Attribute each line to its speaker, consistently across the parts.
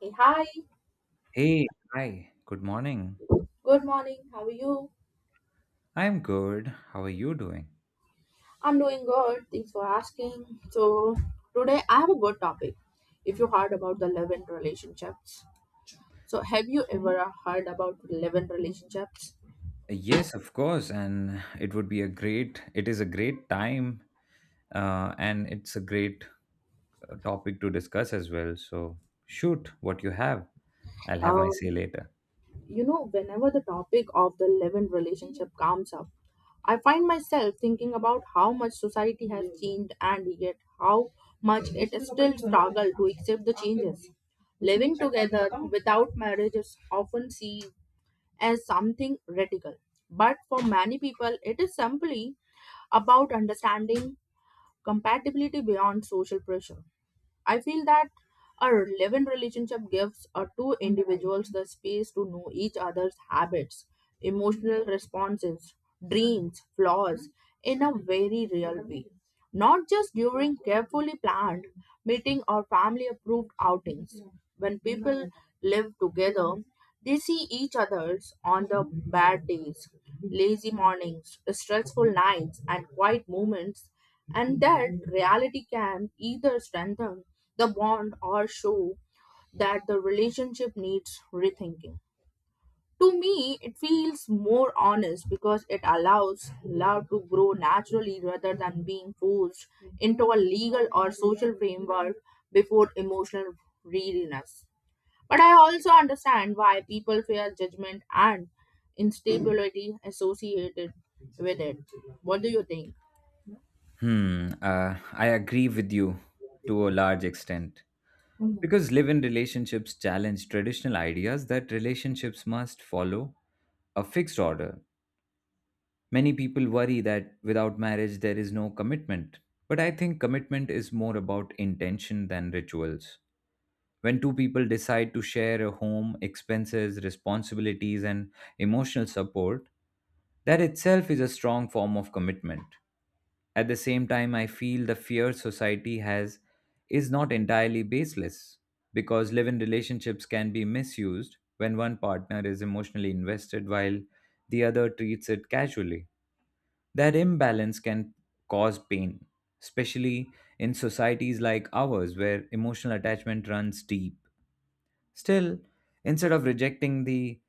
Speaker 1: Hey, hi,
Speaker 2: Hey, hi, good morning.
Speaker 1: good morning. How are you?
Speaker 2: I'm good. How are you doing?
Speaker 1: I'm doing good. Thanks for asking. So, today I have a good topic. If you heard about the love and relationships, so have you ever heard about love and relationships?
Speaker 2: Yes, of course. And it is a great time. And it's a great topic to discuss as well. So shoot what you have. I'll have my
Speaker 1: Um,
Speaker 2: say later.
Speaker 1: you know, whenever the topic of the love and relationship comes up, I find myself thinking about how much society has changed and yet how much it is still struggle to accept the changes. Living together without marriage is often seen as something radical. But for many people, it is simply about understanding compatibility beyond social pressure. I feel that a relevant relationship gives a two individuals the space to know each other's habits, emotional responses, dreams, flaws in a very real way. Not just during carefully planned meeting or family approved outings. When people live together, they see each other's on the bad days, lazy mornings, stressful nights, and quiet moments, and that reality can either strengthen the bond or show that the relationship needs rethinking. To me, it feels more honest because it allows love to grow naturally rather than being forced into a legal or social framework before emotional readiness. But I also understand why people fear judgment and instability associated with it. What do you think?
Speaker 2: Hmm. I agree with you to a large extent. Because live in relationships challenge traditional ideas that relationships must follow a fixed order. Many people worry that without marriage there is no commitment. But I think commitment is more about intention than rituals. When two people decide to share a home, expenses, responsibilities, and emotional support, that itself is a strong form of commitment. At the same time, I feel the fear society has is not entirely baseless because live in relationships can be misused when one partner is emotionally invested while the other treats it casually. That imbalance can cause pain, especially in societies like ours where emotional attachment runs deep. Still, instead of rejecting the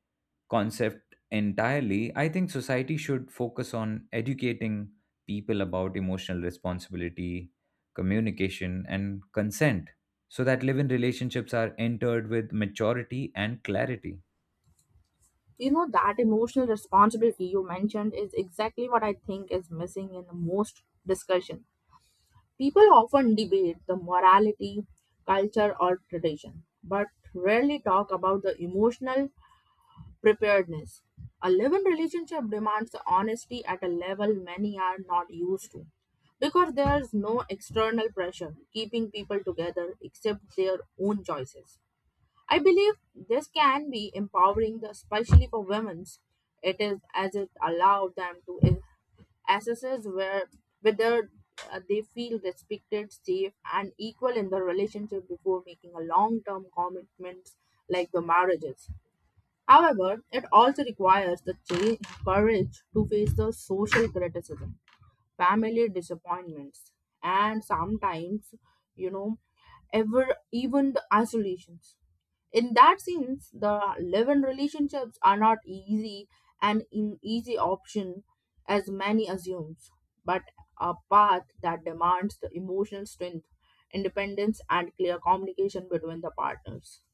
Speaker 2: concept entirely, I think society should focus on educating people about emotional responsibility, communication, and consent so that live in relationships are entered with maturity and clarity.
Speaker 1: You know, that emotional responsibility you mentioned is exactly what I think is missing in the most discussion. People often debate the morality, culture, or tradition, but rarely talk about the emotional preparedness. A living relationship demands honesty at a level many are not used to because there's no external pressure keeping people together except their own choices. I believe this can be empowering, especially for women. It is as it allows them to assesses where whether they feel respected, safe, and equal in the relationship before making a long-term commitments like the marriages. However, it also requires the courage to face the social criticism, family disappointments, and sometimes, you know, ever even the isolations. In that sense, the live-in relationships are not easy and an easy option as many assumes, but a path that demands the emotional strength, independence, and clear communication between the partners.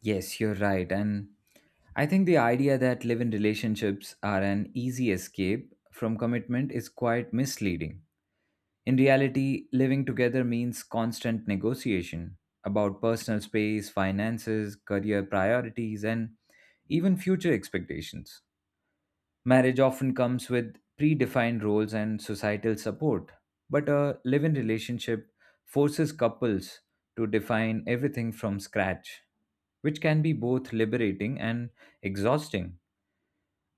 Speaker 2: Yes, you're right. And I think the idea that live in relationships are an easy escape from commitment is quite misleading. In reality, living together means constant negotiation about personal space, finances, career priorities, and even future expectations. Marriage often comes with predefined roles and societal support, but a live in relationship forces couples to define everything from scratch, which can be both liberating and exhausting.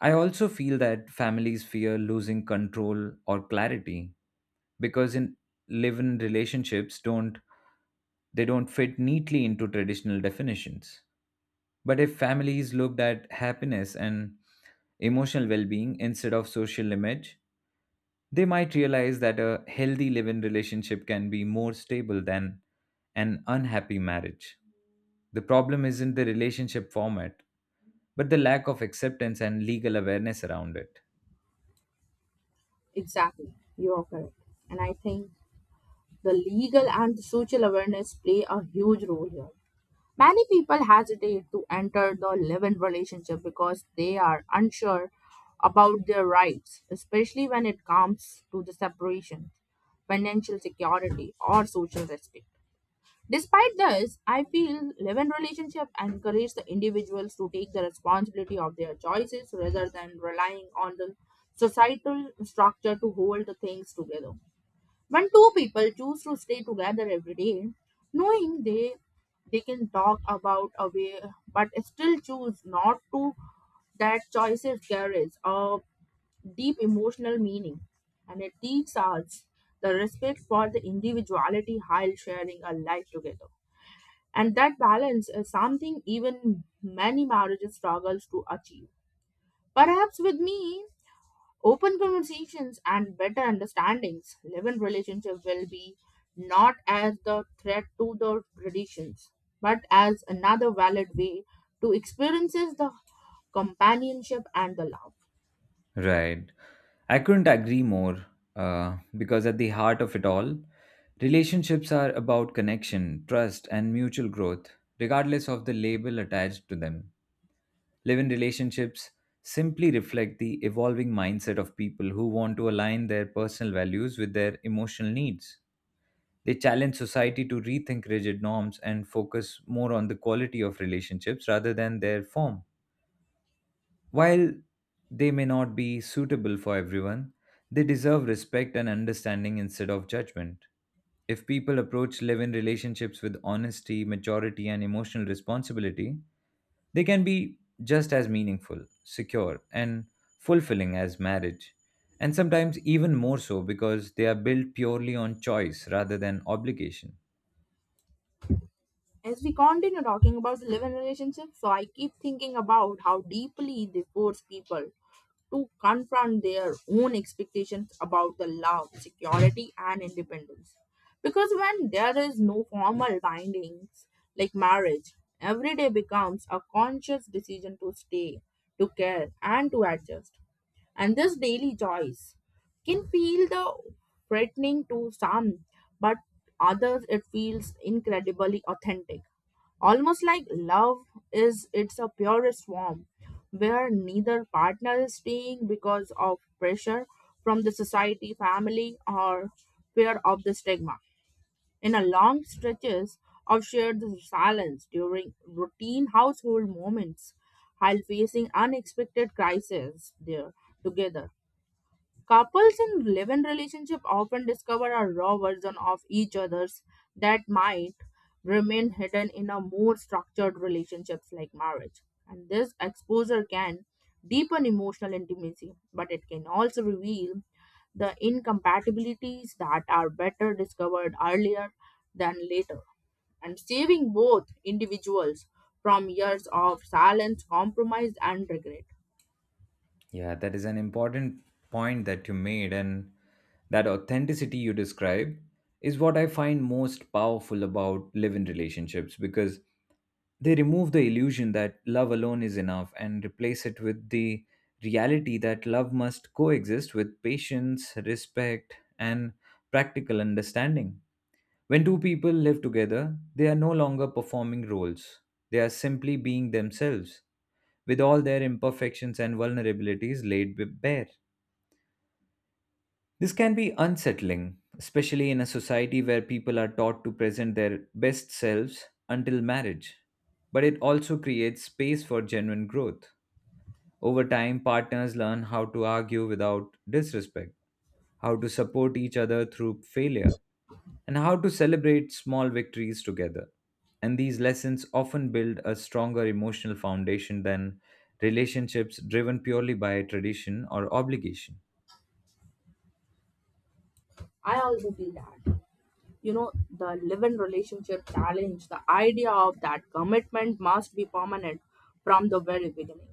Speaker 2: I also feel that families fear losing control or clarity because in live-in relationships don't they don't fit neatly into traditional definitions. But if families looked at happiness and emotional well being instead of social image, they might realize that a healthy live in relationship can be more stable than an unhappy marriage. The problem isn't the relationship format, but the lack of acceptance and legal awareness around it.
Speaker 1: Exactly, you are correct, and I think the legal and social awareness play a huge role here. Many people hesitate to enter the live-in relationship because they are unsure about their rights, especially when it comes to the separation, financial security, or social respect. Despite this, I feel live-in relationship encourage the individuals to take the responsibility of their choices rather than relying on the societal structure to hold the things together. When two people choose to stay together every day, knowing they can talk about a way but still choose not to, that choices carries a deep emotional meaning and it teaches us the respect for the individuality while sharing a life together and that balance is something even many marriages struggles to achieve perhaps with me. Open conversations and better understandings live in relationship will be not as the threat to the traditions, but as another valid way to experiences the companionship and the love.
Speaker 2: Right. I couldn't agree more, because at the heart of it all, relationships are about connection, trust, and mutual growth, regardless of the label attached to them. Live in relationships simply reflect the evolving mindset of people who want to align their personal values with their emotional needs. They challenge society to rethink rigid norms and focus more on the quality of relationships rather than their form. While they may not be suitable for everyone, they deserve respect and understanding instead of judgment. If people approach live in relationships with honesty, maturity, and emotional responsibility, they can be just as meaningful, secure, and fulfilling as marriage. And sometimes even more so because they are built purely on choice rather than obligation.
Speaker 1: As we continue talking about the live-in relationship, so I keep thinking about how deeply they force people to confront their own expectations about the love, security, and independence. Because when there is no formal bindings like marriage, every day becomes a conscious decision to stay, to care, and to adjust. And this daily choice can feel the threatening to some, but others it feels incredibly authentic. Almost like love is its a purest form, where neither partner is staying because of pressure from the society, family, or fear of the stigma. In a long stretches of shared silence during routine household moments, while facing unexpected crises there together, couples in live-in relationship often discover a raw version of each other's that might remain hidden in a more structured relationships like marriage. And this exposure can deepen emotional intimacy, but it can also reveal the incompatibilities that are better discovered earlier than later and saving both individuals from years of silence, compromise, and regret.
Speaker 2: Yeah, that is an important point that you made, and that authenticity you describe is what I find most powerful about live in relationships because they remove the illusion that love alone is enough and replace it with the reality that love must coexist with patience, respect, and practical understanding. When two people live together, they are no longer performing roles, they are simply being themselves, with all their imperfections and vulnerabilities laid bare. This can be unsettling, especially in a society where people are taught to present their best selves until marriage. But it also creates space for genuine growth. Over time, partners learn how to argue without disrespect, how to support each other through failure, and how to celebrate small victories together. And these lessons often build a stronger emotional foundation than relationships driven purely by tradition or obligation.
Speaker 1: I also feel that. You know, the live-in relationship challenge the idea of that commitment must be permanent from the very beginning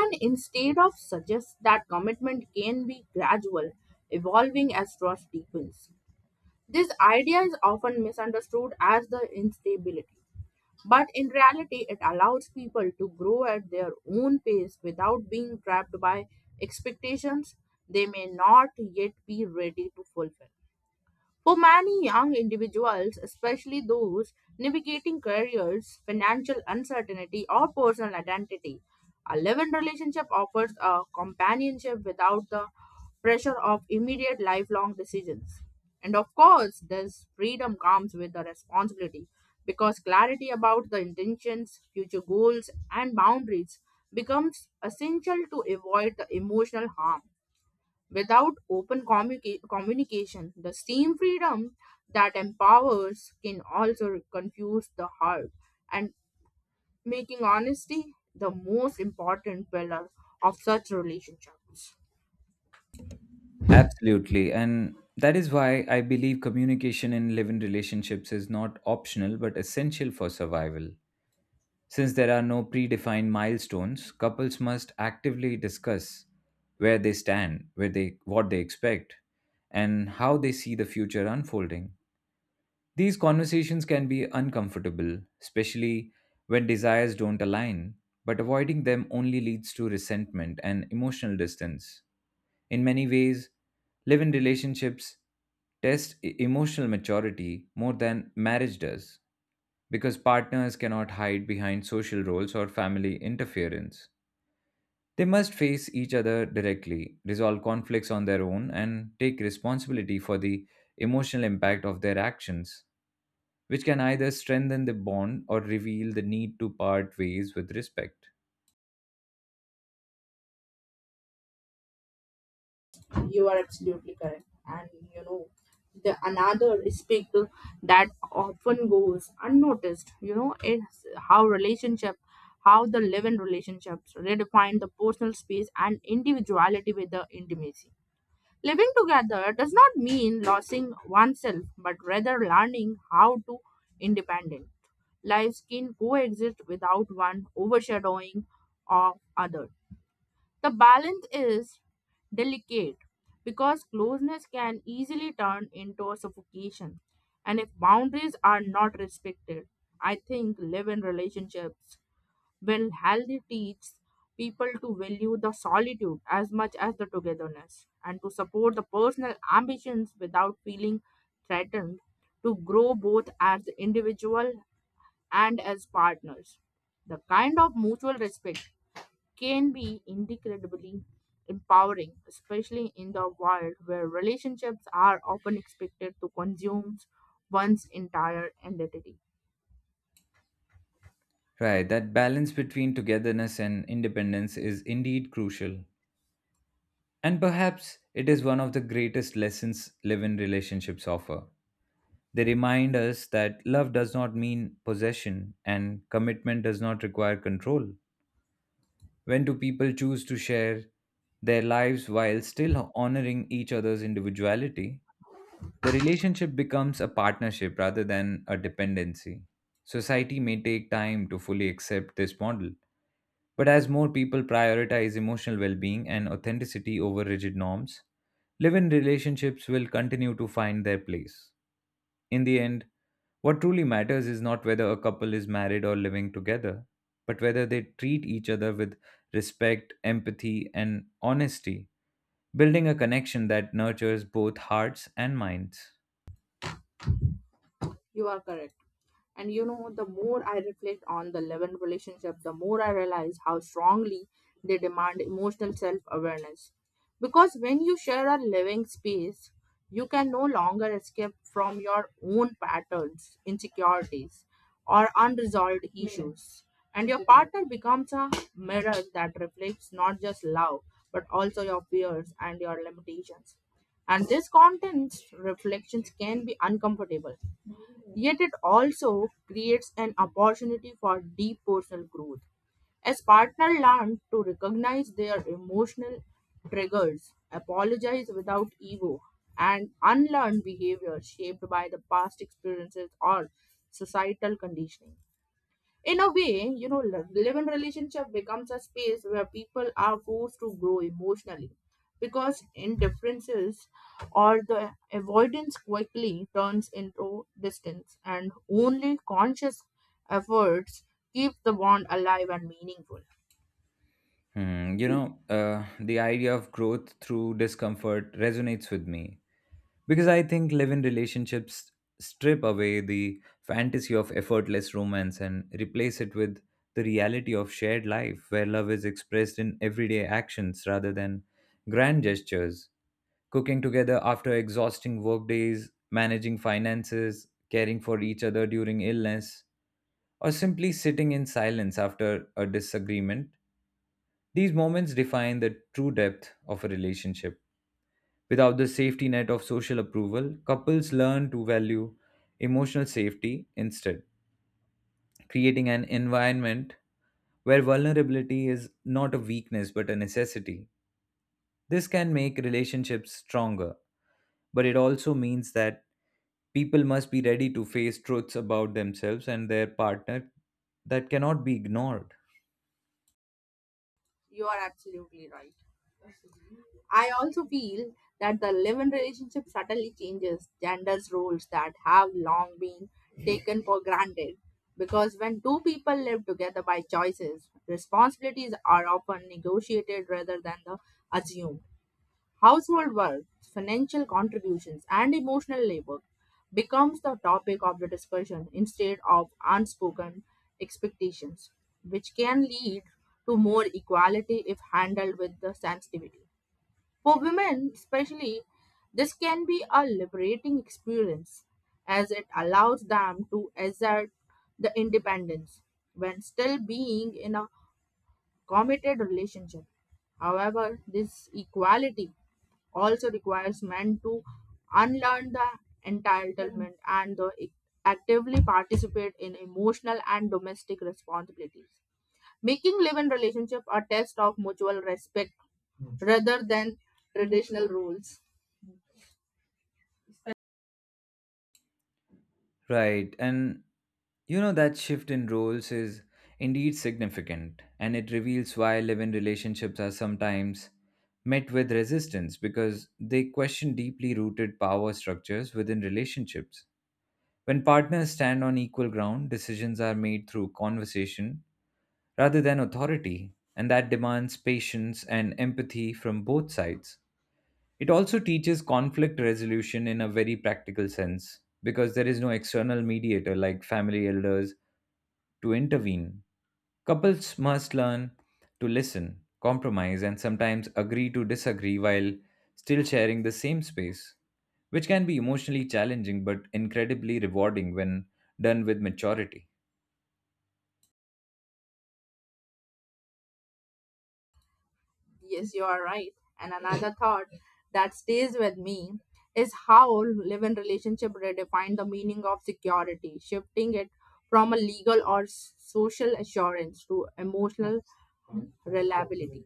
Speaker 1: and instead of suggest that commitment can be gradual, evolving as trust deepens. This idea is often misunderstood as the instability, but in reality it allows people to grow at their own pace without being trapped by expectations they may not yet be ready to fulfill. For many young individuals, especially those navigating careers, financial uncertainty, or personal identity, a live in relationship offers a companionship without the pressure of immediate lifelong decisions. And of course, this freedom comes with the responsibility because clarity about the intentions, future goals, and boundaries becomes essential to avoid the emotional harm. Without open communication, the same freedom that empowers can also confuse the heart and making honesty the most important pillar of such relationships.
Speaker 2: Absolutely. And that is why I believe communication in live in relationships is not optional but essential for survival. Since there are no predefined milestones, couples must actively discuss where they stand, where they what they expect, and how they see the future unfolding. These conversations can be uncomfortable, especially when desires don't align, but avoiding them only leads to resentment and emotional distance. In many ways, live in relationships test emotional maturity more than marriage does because partners cannot hide behind social roles or family interference. They must face each other directly, resolve conflicts on their own, and take responsibility for the emotional impact of their actions, which can either strengthen the bond or reveal the need to part ways with respect.
Speaker 1: You are absolutely correct. And you know, the another aspect that often goes unnoticed, you know, is how relationship how the live-in relationships redefine the personal space and individuality with the intimacy. Living together does not mean losing oneself, but rather learning how to independent. Lives can coexist without one overshadowing of other. The balance is delicate because closeness can easily turn into suffocation. And if boundaries are not respected, I think live in relationships well, healthy teaches people to value the solitude as much as the togetherness and to support the personal ambitions without feeling threatened to grow both as individual and as partners. The kind of mutual respect can be incredibly empowering, especially in the world where relationships are often expected to consume one's entire identity.
Speaker 2: Right, that balance between togetherness and independence is indeed crucial. And perhaps it is one of the greatest lessons live in relationships offer. They remind us that love does not mean possession and commitment does not require control. When do people choose to share their lives while still honoring each other's individuality? The relationship becomes a partnership rather than a dependency. Society may take time to fully accept this model, but as more people prioritize emotional well being and authenticity over rigid norms, live in relationships will continue to find their place. In the end, what truly matters is not whether a couple is married or living together, but whether they treat each other with respect, empathy, and honesty, building a connection that nurtures both hearts and minds.
Speaker 1: You are correct. And you know, the more I reflect on the Levin relationship, the more I realize how strongly they demand emotional self awareness. Because when you share a living space, you can no longer escape from your own patterns, insecurities, or unresolved issues. And your partner becomes a mirror that reflects not just love, but also your fears and your limitations. And these contents reflections can be uncomfortable. Yet it also creates an opportunity for deep personal growth. As partners learn to recognize their emotional triggers, apologize without ego, and unlearn behavior shaped by the past experiences or societal conditioning. In a way, you know, live-in relationship becomes a space where people are forced to grow emotionally because indifferences or the avoidance quickly turns into distance and only conscious efforts keep the bond alive and meaningful.
Speaker 2: Hmm, you know, the idea of growth through discomfort resonates with me because I think live in relationships strip away the fantasy of effortless romance and replace it with the reality of shared life where love is expressed in everyday actions rather than grand gestures. Cooking together after exhausting workdays, managing finances, caring for each other during illness, or simply sitting in silence after a disagreement. These moments define the true depth of a relationship. Without the safety net of social approval, couples learn to value emotional safety instead, creating an environment where vulnerability is not a weakness but a necessity. This can make relationships stronger, but it also means that people must be ready to face truths about themselves and their partner that cannot be ignored.
Speaker 1: You are absolutely right. I also feel that the live in relationship subtly changes genders roles that have long been taken for granted. Because when two people live together by choices, responsibilities are often negotiated rather than the assumed. Household work, financial contributions, and emotional labor becomes the topic of the discussion instead of unspoken expectations, which can lead to more equality if handled with the sensitivity. For women, especially, this can be a liberating experience as it allows them to exert the independence when still being in a committed relationship. However, this equality also requires men to unlearn the entitlement and the actively participate in emotional and domestic responsibilities, making live-in relationship a test of mutual respect. Hmm. Rather than traditional rules.
Speaker 2: Right. And you know, that shift in roles is indeed significant, and it reveals why live in relationships are sometimes met with resistance because they question deeply rooted power structures within relationships. When partners stand on equal ground, decisions are made through conversation rather than authority, and that demands patience and empathy from both sides. It also teaches conflict resolution in a very practical sense because there is no external mediator like family elders to intervene. Couples must learn to listen, compromise, and sometimes agree to disagree while still sharing the same space, which can be emotionally challenging but incredibly rewarding when done with maturity.
Speaker 1: Yes, you are right. And another thought that stays with me is how live-in relationship redefine the meaning of security, shifting it from a legal or social assurance to emotional reliability.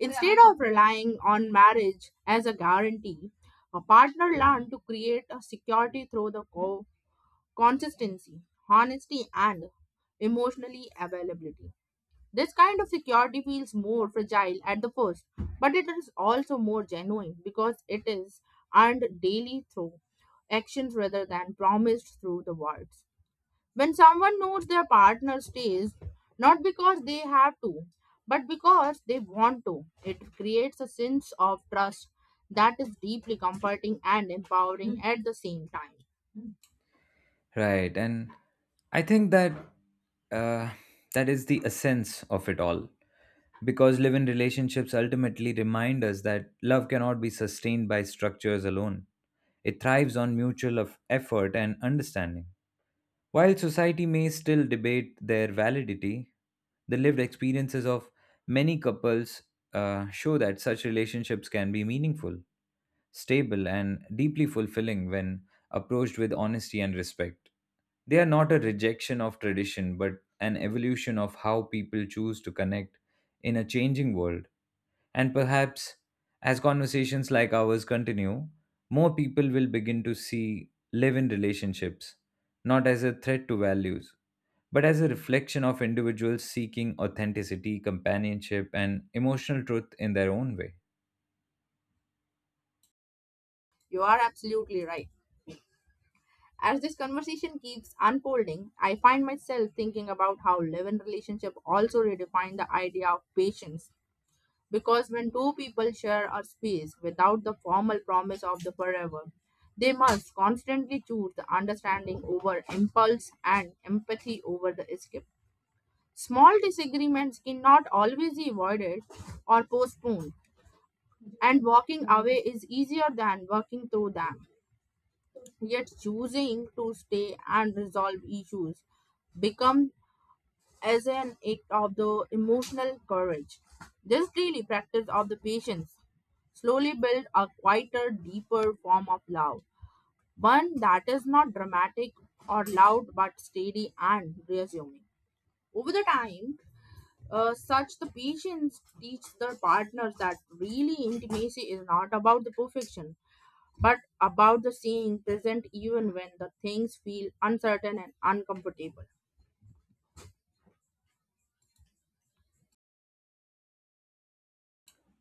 Speaker 1: Instead of relying on marriage as a guarantee, a partner learned to create a security through the consistency, honesty, and emotionally availability. This kind of security feels more fragile at the first, but it is also more genuine because it is earned daily through actions rather than promised through the words. When someone knows their partner stays, not because they have to, but because they want to, it creates a sense of trust that is deeply comforting and empowering at the same time.
Speaker 2: Right, and I think that uh, that is the essence of it all, because live-in relationships ultimately remind us that love cannot be sustained by structures alone. It thrives on mutual of effort and understanding. While society may still debate their validity, the lived experiences of many couples show that such relationships can be meaningful, stable, and deeply fulfilling when approached with honesty and respect. They are not a rejection of tradition, but an evolution of how people choose to connect in a changing world. And perhaps as conversations like ours continue, more people will begin to see live in relationships, not as a threat to values, but as a reflection of individuals seeking authenticity, companionship, and emotional truth in their own way.
Speaker 1: You are absolutely right. As this conversation keeps unfolding, I find myself thinking about how love and relationship also redefine the idea of patience. Because when two people share a space without the formal promise of the forever, they must constantly choose the understanding over impulse and empathy over the escape. Small disagreements cannot always be avoided or postponed, and walking away is easier than working through them, yet choosing to stay and resolve issues become as an act of the emotional courage. This daily practice of the patience slowly build a quieter deeper form of love, one that is not dramatic or loud but steady and reassuming over the time. Such the patience teach the partners that really intimacy is not about the perfection but about the seeing present even when the things feel uncertain and uncomfortable.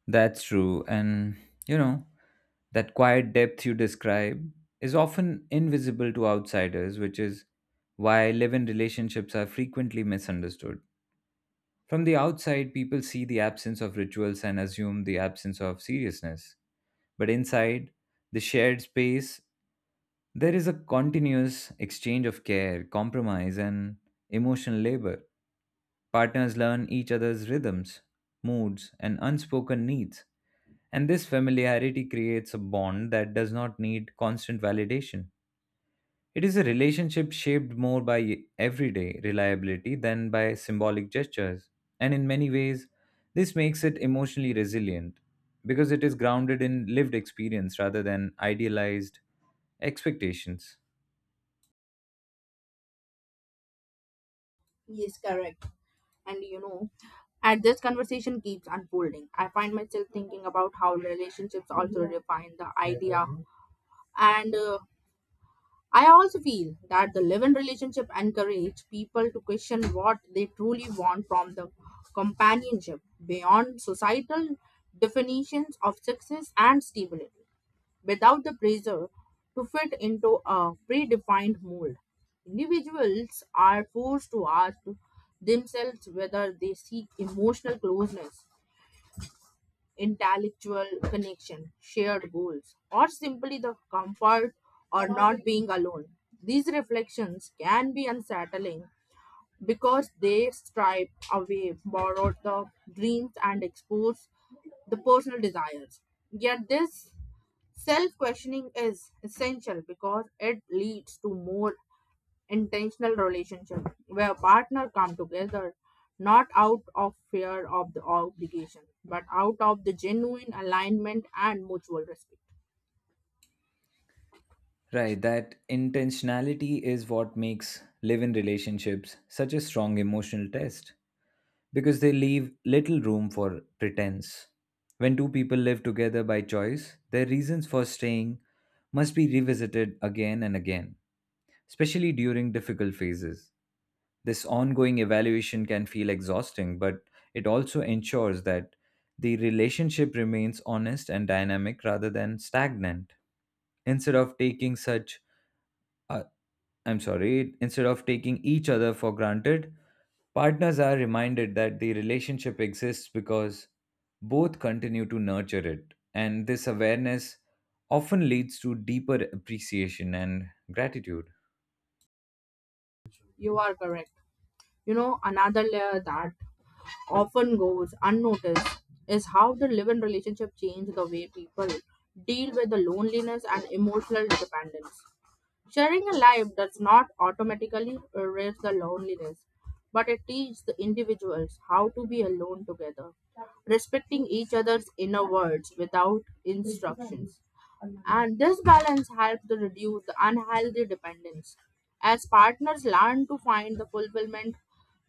Speaker 2: That's true. And, you know, that quiet depth you describe is often invisible to outsiders, which is why live in relationships are frequently misunderstood. From the outside, people see the absence of rituals and assume the absence of seriousness. But inside the shared space, there is a continuous exchange of care, compromise, and emotional labor. Partners learn each other's rhythms, moods, and unspoken needs, and this familiarity creates a bond that does not need constant validation. It is a relationship shaped more by everyday reliability than by symbolic gestures. And in many ways, this makes it emotionally resilient because it is grounded in lived experience rather than idealized expectations.
Speaker 1: Yes, correct. And you know, as this conversation keeps unfolding, I find myself thinking about how relationships also define the idea. And I also feel that the live in relationship encourage people to question what they truly want from the companionship beyond societal definitions of success and stability. Without the pressure to fit into a predefined mold. Individuals are forced to ask themselves whether they seek emotional closeness, intellectual connection, shared goals, or simply the comfort or not being alone. These reflections can be unsettling because they stripe away borrowed the dreams and expose the personal desires. Yet this Self questioning is essential because it leads to more intentional relationship where partners come together not out of fear of the obligation but out of the genuine alignment and mutual respect.
Speaker 2: Right, that intentionality is what makes live in relationships such a strong emotional test because they leave little room for pretense. When two people live together by choice, their reasons for staying must be revisited again and again, especially during difficult phases. This ongoing evaluation can feel exhausting, but it also ensures that the relationship remains honest and dynamic rather than stagnant. Instead of taking such uh, I'm sorry, instead of taking each other for granted, partners are reminded that the relationship exists because both continue to nurture it. And this awareness often leads to deeper appreciation and gratitude.
Speaker 1: You are correct. You know, another layer that often goes unnoticed is how the live-in relationship change the way people deal with the loneliness and emotional dependence. Sharing a life does not automatically erase the loneliness, but it teaches the individuals how to be alone together, respecting each other's inner words without instructions. And this balance helps to reduce the unhealthy dependence. As partners learn to find the fulfillment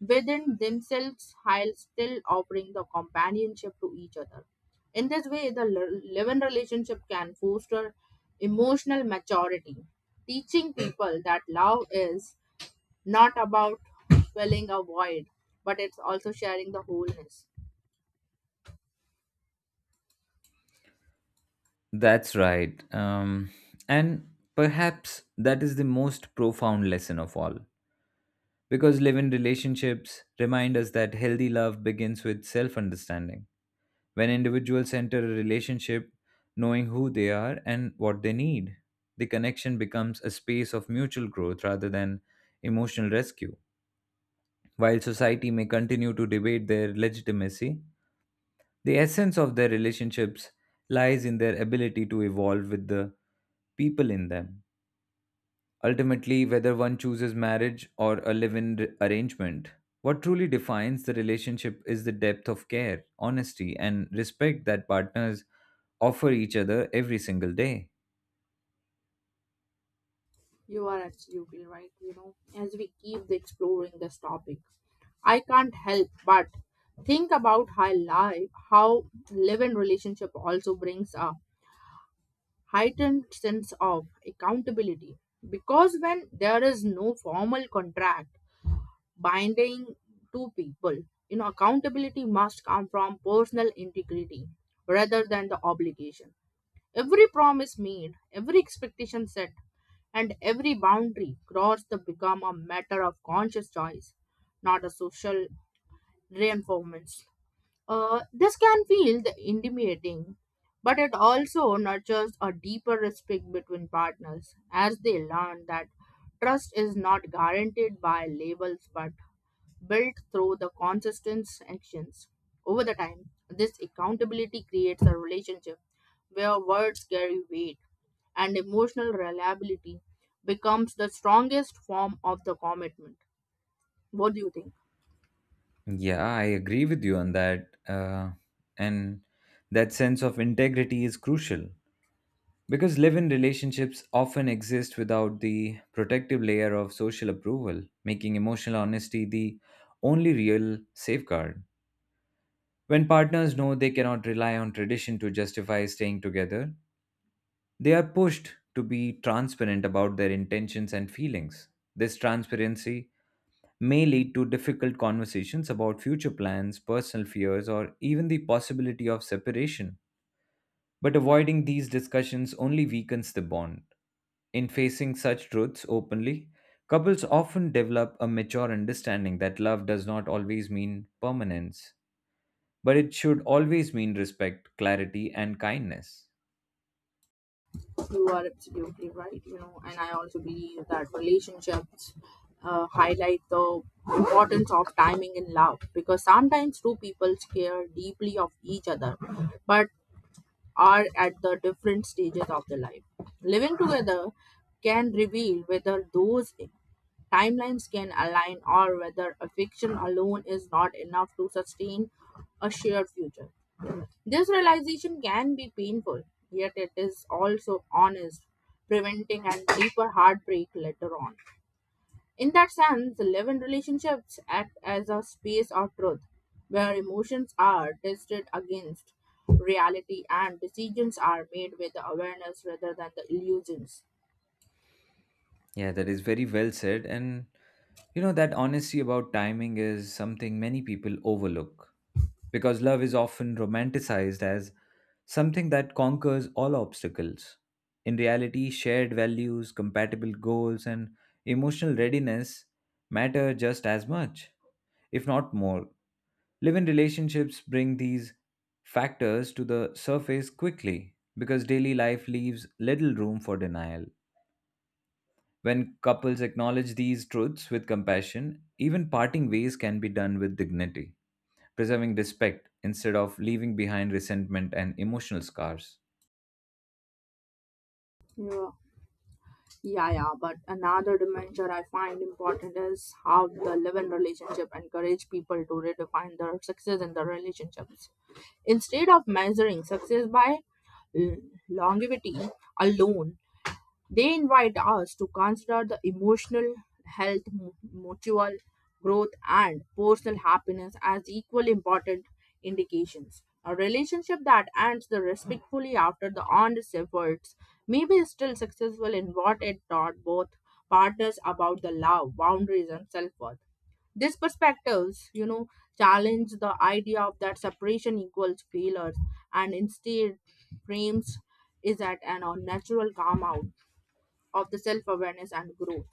Speaker 1: within themselves while still offering the companionship to each other. In this way, the living relationship can foster emotional maturity, teaching people that love is not about filling a void, but it's also sharing the wholeness.
Speaker 2: That's right. And perhaps that is the most profound lesson of all. Because live in relationships remind us that healthy love begins with self understanding. When individuals enter a relationship knowing who they are and what they need, the connection becomes a space of mutual growth rather than emotional rescue. While society may continue to debate their legitimacy, the essence of their relationships lies in their ability to evolve with the people in them. Ultimately, whether one chooses marriage or a live in arrangement, what truly defines the relationship is the depth of care, honesty, and respect that partners offer each other every single day.
Speaker 1: You are absolutely right. You know, as we keep the exploring this topic, I can't help but think about how live-in relationship also brings a heightened sense of accountability. Because when there is no formal contract binding two people, you know, accountability must come from personal integrity rather than the obligation. Every promise made, every expectation set, and every boundary crossed to become a matter of conscious choice, not a social reinforcement. This can feel the intimidating, but it also nurtures a deeper respect between partners as they learn that trust is not guaranteed by labels but built through the consistent actions. Over the time, this accountability creates a relationship where words carry weight and emotional reliability becomes the strongest form of the commitment. What do you think?
Speaker 2: Yeah, I agree with you on that. And that sense of integrity is crucial because live in relationships often exist without the protective layer of social approval, making emotional honesty the only real safeguard. When partners know they cannot rely on tradition to justify staying together, they are pushed to be transparent about their intentions and feelings. This transparency may lead to difficult conversations about future plans, personal fears, or even the possibility of separation. But avoiding these discussions only weakens the bond. In facing such truths openly, couples often develop a mature understanding that love does not always mean permanence, but it should always mean respect, clarity, and kindness.
Speaker 1: You are absolutely right, you know, and I also believe that relationships highlight the importance of timing in love because sometimes two people care deeply of each other, but are at the different stages of their life. Living together can reveal whether those timelines can align or whether affection alone is not enough to sustain a shared future. This realization can be painful, yet it is also honest, preventing a deeper heartbreak later on. In that sense, live-in relationships act as a space of truth, where emotions are tested against reality and decisions are made with awareness rather than the illusions.
Speaker 2: Yeah, that is very well said. And you know, that honesty about timing is something many people overlook because love is often romanticized as something that conquers all obstacles. In reality, shared values, compatible goals, and emotional readiness matter just as much, if not more. Live in relationships bring these factors to the surface quickly because daily life leaves little room for denial. When couples acknowledge these truths with compassion, even parting ways can be done with dignity, preserving respect instead of leaving behind resentment and emotional scars.
Speaker 1: Yeah, yeah, yeah. But another dimension I find important is how the live-in relationship encourage people to redefine their success in their relationships. Instead of measuring success by l- longevity alone, they invite us to consider the emotional health, mutual growth, and personal happiness as equally important indications. A relationship that ends the respectfully after the honest efforts may be still successful in what it taught both partners about the love, boundaries, and self worth these perspectives, you know, challenge the idea of that separation equals failures and instead frames is at an unnatural calm out of the self awareness and growth.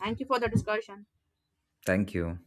Speaker 1: Thank you for the discussion.
Speaker 2: Thank you.